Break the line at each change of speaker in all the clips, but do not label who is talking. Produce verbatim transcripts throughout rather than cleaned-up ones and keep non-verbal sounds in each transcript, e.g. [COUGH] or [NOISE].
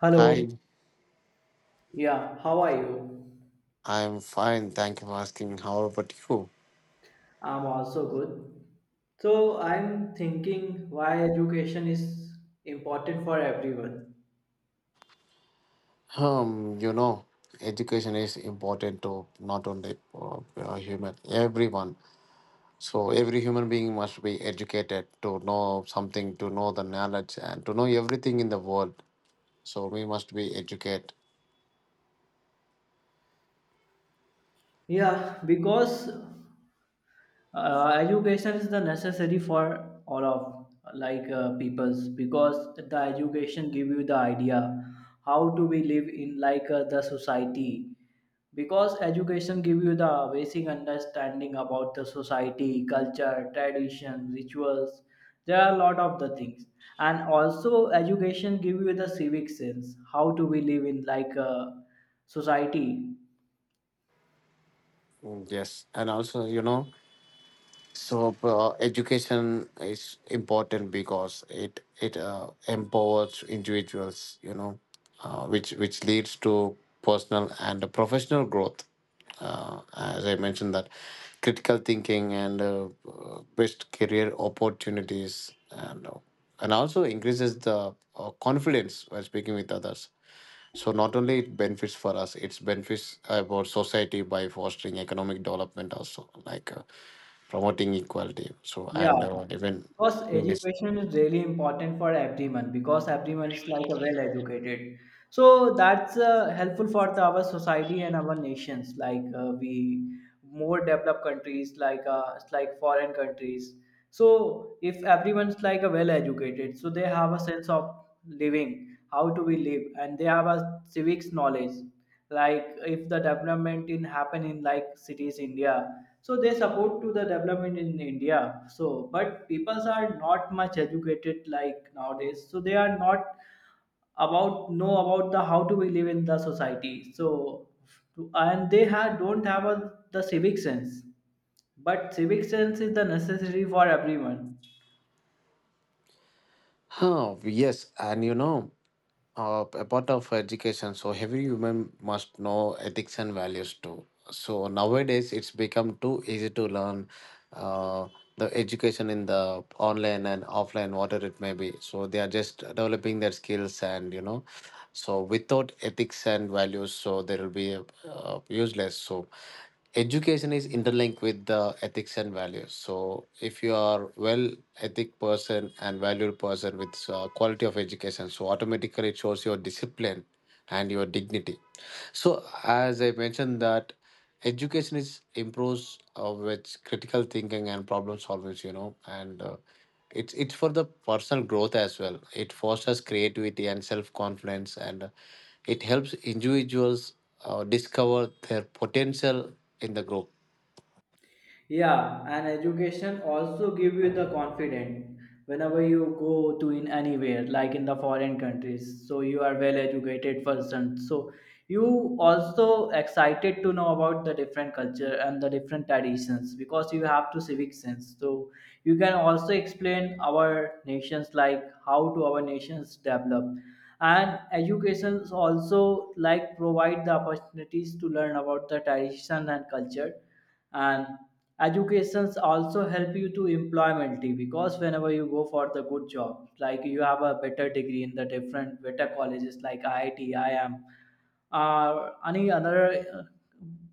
Hello.
Hi,
Yeah, how are you?
I'm fine. Thank you for asking. How about you?
I'm also good. So I'm thinking why education is important for everyone.
Um, you know, education is important to not only uh, uh, human, everyone. So every human being must be educated to know something, to know the knowledge, and to know everything in the world. So we must be educated.
Yeah, because uh, education is the necessary for all of like uh, peoples, because the education give you the idea how do we live in like uh, the society, because education give you the basic understanding about the society culture tradition rituals. There are a lot of the things, and also education give you the civic sense how do we live in like a society.
Mm, yes, and also you know, So uh, education is important because it it uh, empowers individuals, you know, uh, which which leads to personal and professional growth. Uh, as I mentioned, that critical thinking and uh, uh, best career opportunities, and uh, and also increases the uh, confidence while speaking with others. So not only it benefits for us, it's benefits about society by fostering economic development also. Like uh, promoting equality. So,
Yeah.
and uh, even
Because
in this,
education is really important for everyone, because everyone is like a well educated, so that's uh, helpful for the, our society and our nations, like uh, we more developed countries, like uh, it's like foreign countries. So if everyone's like a well educated, so they have a sense of living, how do we live, and they have a civics knowledge. Like if the development in happen in like cities India, so they support to the development in India. So but peoples are not much educated like nowadays, so they are not about know about the how do we live in the society. So and they have don't have a, the civic sense. But civic sense is the necessary for everyone.
oh, yes, and you know, uh, a part of education. So, every human must know ethics and values too. So, nowadays it's become too easy to learn uh, the education in the online and offline, whatever it may be. So, they are just developing their skills and you know, so without ethics and values, so there will be uh, useless. So, education is interlinked with the ethics and values. So if you are well ethic person and valued person with uh, quality of education, so automatically it shows your discipline and your dignity. So as I mentioned that education is improves uh, with critical thinking and problem solving, you know, and uh, it's it's for the personal growth as well. It fosters creativity and self confidence, and uh, it helps individuals uh, discover their potential in the group.
Yeah, and education also give you the confidence whenever you go to in anywhere, like in the foreign countries. So you are well educated person. So you also excited to know about the different culture and the different traditions because you have to civic sense. So you can also explain our nations like how to our nations develop, and educations also like provide the opportunities to learn about the tradition and culture. And educations also help you to employability, because whenever you go for the good job, like you have a better degree in the different better colleges like I I T, I I M or any other uh,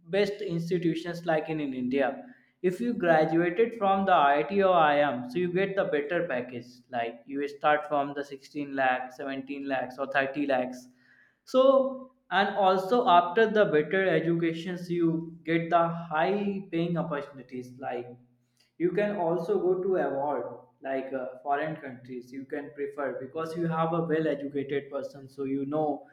best institutions, like in, in India. If you graduated from the I I T or I I M, so you get the better package, like you start from the sixteen lakh seventeen lakhs or thirty lakhs. So and also after the better educations, you get the high paying opportunities, like you can also go to abroad, like uh, foreign countries you can prefer, because you have a well educated person, so you know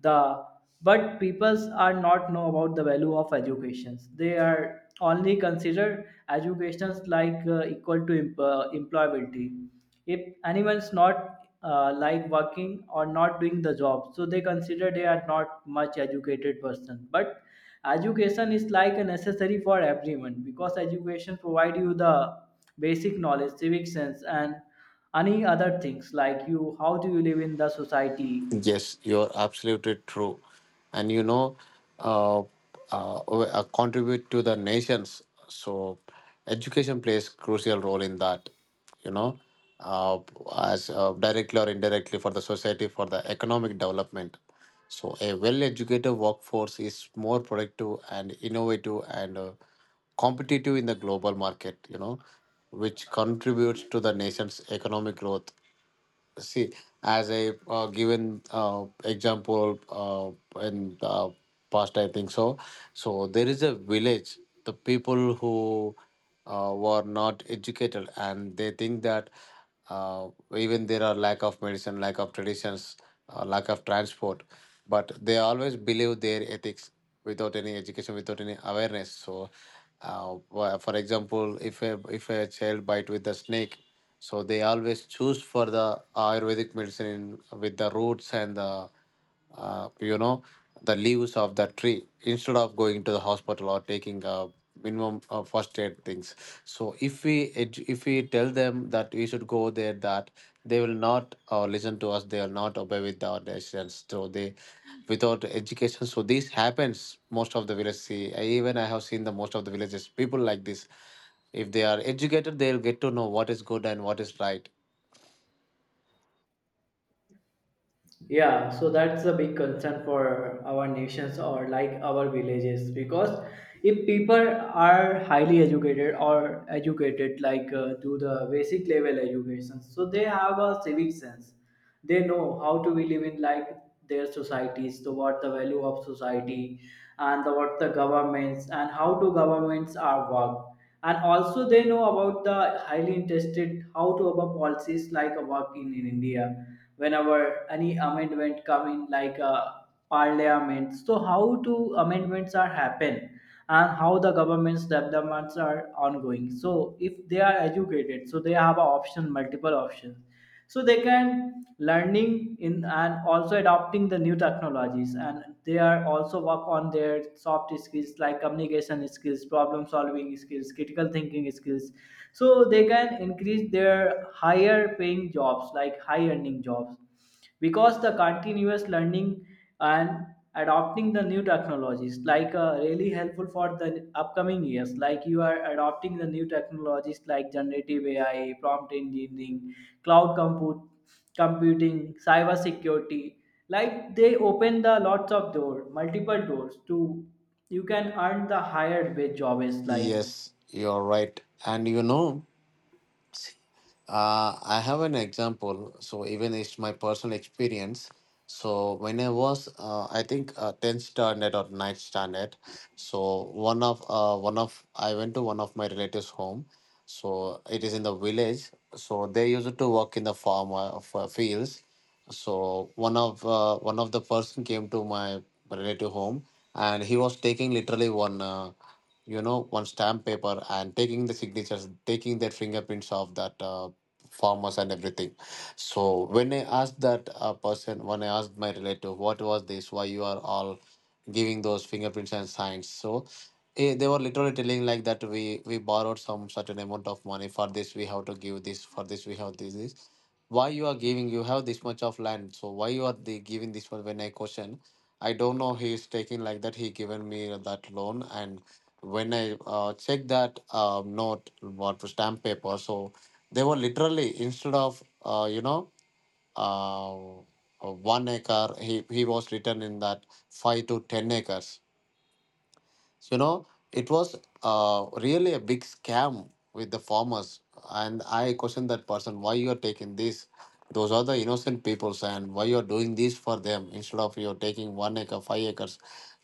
the. But peoples are not know about the value of educations, they are only consider educations like uh, equal to em- uh, employability. If anyone's not uh, like working or not doing the job, so they consider they are not much educated person. But education is like a necessary for everyone, because education provide you the basic knowledge civic sense and any other things like you how do you live in the society.
Yes, you're absolutely true. And you know, uh, uh, uh, contribute to the nations. So, education plays crucial role in that. You know, uh, as uh, directly or indirectly for the society, for the economic development. So, a well-educated workforce is more productive and innovative and uh, competitive in the global market. You know, which contributes to the nation's economic growth. See, as a uh, given uh, example uh, in the past, I think so. So there is a village, the people who uh, were not educated, and they think that uh, even there are lack of medicine, lack of traditions, uh, lack of transport, but they always believe their ethics without any education, without any awareness. So uh, wha- for example, if a if a child bite with a snake, so they always choose for the Ayurvedic medicine, in, with the roots and the uh, you know, the leaves of the tree instead of going to the hospital or taking a minimum uh, first aid things. So if we edu- if we tell them that we should go there, that they will not uh, listen to us. They will not obey with our decisions. So they, without education, so this happens most of the village. See, I, even I have seen the most of the villages people like this. If they are educated, they'll get to know what is good and what is right.
Yeah, so that's a big concern for our nations or like our villages, because if people are highly educated or educated like uh, to the basic level education, so they have a civic sense. They know how to be living like their societies, so what the value of society and the, what the governments and how to governments are work. And also they know about the highly interested how to about policies like work in, in India, whenever any amendment come in like uh, parliament. So how to amendments are happen, and how the government's developments are ongoing. So if they are educated, so they have a option multiple options, so they can learn learning in and also adopting the new technologies. And they are also work on their soft skills like communication skills problem solving skills critical thinking skills, so they can increase their higher paying jobs like high earning jobs, because the continuous learning and adopting the new technologies, like uh, really helpful for the upcoming years. Like you are adopting the new technologies like generative A I prompt engineering, cloud compute computing, cyber security, like they open the lots of door multiple doors to you can earn the higher wage jobs like.
Yes, you're right. And you know, uh, I have an example. So even it's my personal experience. So when I was, uh, I think, uh, tenth standard or ninth standard, so one of uh, one of, I went to one of my relatives' home. So it is in the village. So they used to work in the farm uh, f- fields. So one of uh, one of the person came to my relative home, and he was taking literally one uh, you know, one stamp paper and taking the signatures, taking their fingerprints of that uh, farmers and everything. So when I asked that uh, person, when I asked my relative, what was this, why you are all giving those fingerprints and signs? So eh, they were literally telling like that, we we borrowed some certain amount of money for this, we have to give this for this, we have this this, why you are giving, you have this much of land, so why you are the giving this much? When I question, I don't know, he is taking like that, he given me that loan. And when I uh, check that uh, note, what stamp paper, so they were literally, instead of uh, you know, uh, one acre, he, he was written in that five to ten acres, you know, it was uh, really a big scam with the farmers. And I questioned that person, why you are taking this, those are the innocent peoples, and why you are doing this for them? Instead of you're taking one acre, five acres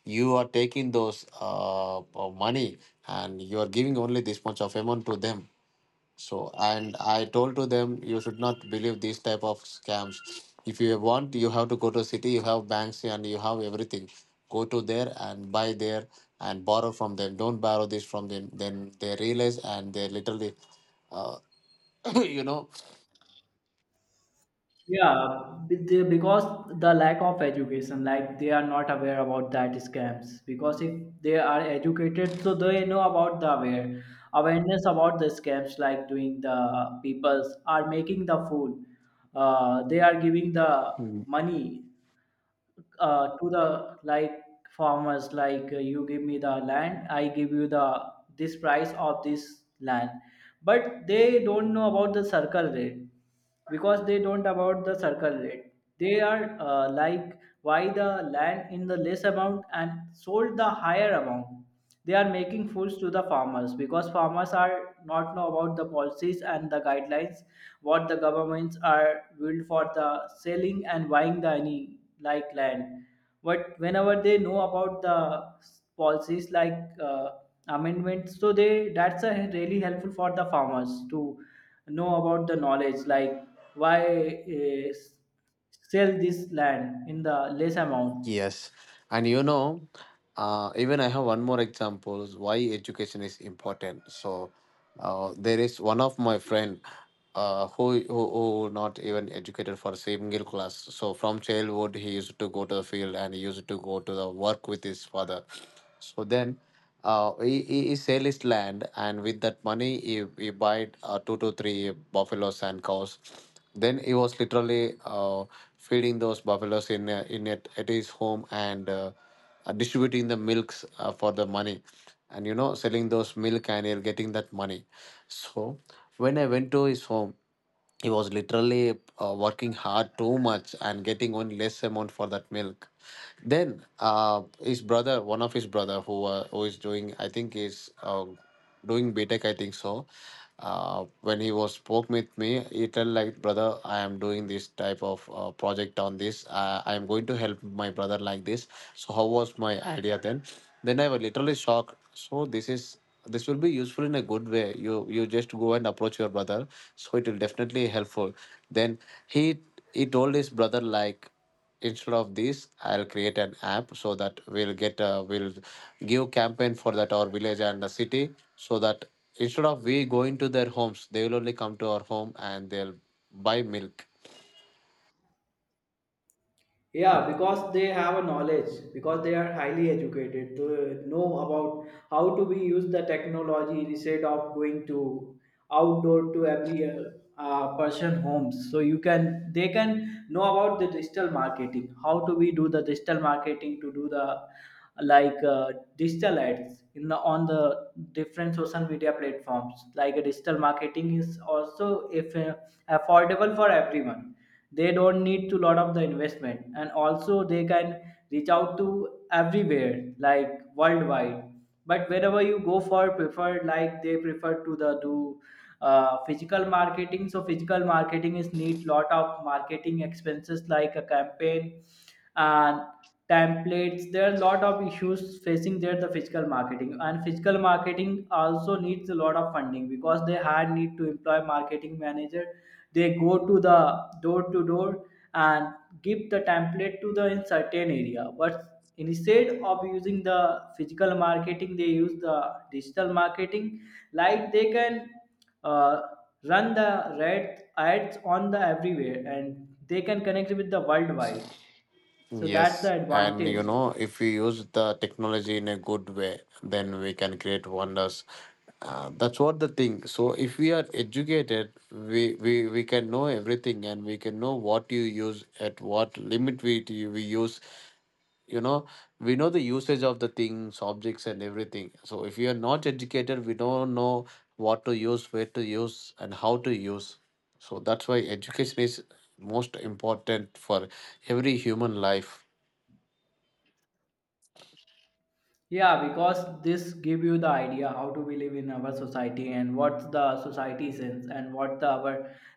you are taking, those uh, uh, money, and you are giving only this much of amount to them. So and I told to them, you should not believe these type of scams. If you want, you have to go to city, you have banks and you have everything, go to there and buy there and borrow from them. Don't borrow this from them. Then they realize, and they literally uh, [COUGHS] [CLEARS THROAT] you know.
Yeah, be- they- because the lack of education, like they are not aware about that scams. Because if they are educated, so they know about the aware awareness about the scams, like doing the peoples are making the fool. Uh, they are giving the money uh, to the like farmers, like uh, you give me the land, I give you the this price of this land. But they don't know about the circle rate. Because they don't about the circle rate, they are uh, like why the land in the less amount and sold the higher amount. They are making fools to the farmers, because farmers are not know about the policies and the guidelines what the governments are built for the selling and buying the any like land. But whenever they know about the policies like uh, amendments, so they that's a really helpful for the farmers to know about the knowledge, like why uh, sell this land in the less amount.
Yes, and you know, uh, even I have one more example why education is important. So uh, there is one of my friend, uh, who, who who not even educated for single class. So from childhood he used to go to the field, and he used to go to the work with his father. So then. Uh, he, he he sell his land, and with that money, he, he buy uh, two to three buffaloes and cows. Then he was literally uh, feeding those buffaloes in uh, in at, at his home, and uh, uh, distributing the milks uh, for the money, and you know, selling those milk and he'll getting that money. So when I went to his home, he was literally uh, working hard too much and getting only less amount for that milk. Then uh, his brother one of his brother, who uh, who is doing, I think is uh, doing btech, I think so. Uh, when he was spoke with me, he tell like, brother, I am doing this type of uh, project on this, uh, I am going to help my brother like this, so how was my idea? then then I was literally shocked. So this is, this will be useful in a good way, you you just go and approach your brother, so it will definitely helpful. Then he he told his brother like, instead of this, I'll create an app so that we'll get, uh, we'll give campaign for that our village and the city, so that instead of we going to their homes, they will only come to our home and they'll buy milk.
Yeah, because they have a knowledge, because they are highly educated to know about how to be use the technology instead of going to outdoor to every uh, uh, person homes. So you can they can know about the digital marketing, how to we do the digital marketing to do the like uh, digital ads in the on the different social media platforms. Like a digital marketing is also if uh, affordable for everyone, they don't need to lot of the investment, and also they can reach out to everywhere like worldwide. But wherever you go for preferred, like they prefer to the do uh, physical marketing. So physical marketing is need lot of marketing expenses like a campaign and templates. There are a lot of issues facing there the physical marketing, and physical marketing also needs a lot of funding, because they had need to employ marketing manager, they go to the door to door and give the template to the in certain area. But instead of using the physical marketing, they use the digital marketing, like they can uh, run the red ads on the everywhere, and they can connect with the worldwide. So that's
Yes,
the
and you
advantage.
know, if we use the technology in a good way, then we can create wonders. Uh, that's what the thing. So if we are educated, we, we we can know everything, and we can know what you use, at what limit we we use. You know, we know the usage of the things, objects, and everything. So if we are not educated, we don't know what to use, where to use, and how to use. So that's why education is most important for every human life.
Yeah, because this give you the idea how do we live in our society, and what's the society sense, and what the our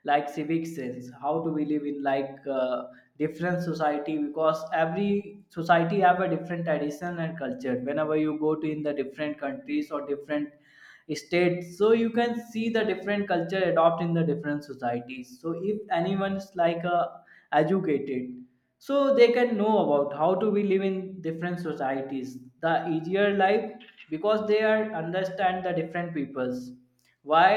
like civic sense, how do we live in like uh, different society. Because every society have a different tradition and culture, whenever you go to in the different countries or different states, so you can see the different culture adopt in the different societies. So if anyone is like uh, educated, so they can know about how to we live in different societies, the easier life, because they are understand the different peoples, why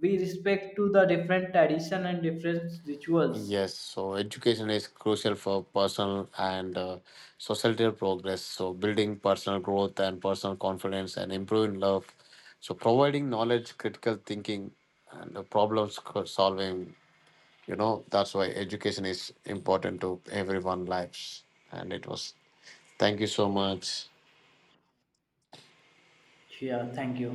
we respect to the different tradition and different rituals.
Yes, so education is crucial for personal and uh, societal progress. So, building personal growth and personal confidence and improving love. So, providing knowledge, critical thinking, and uh, problem sc- solving. You know, that's why education is important to everyone's lives. And it was, thank you so much.
Yeah, thank you.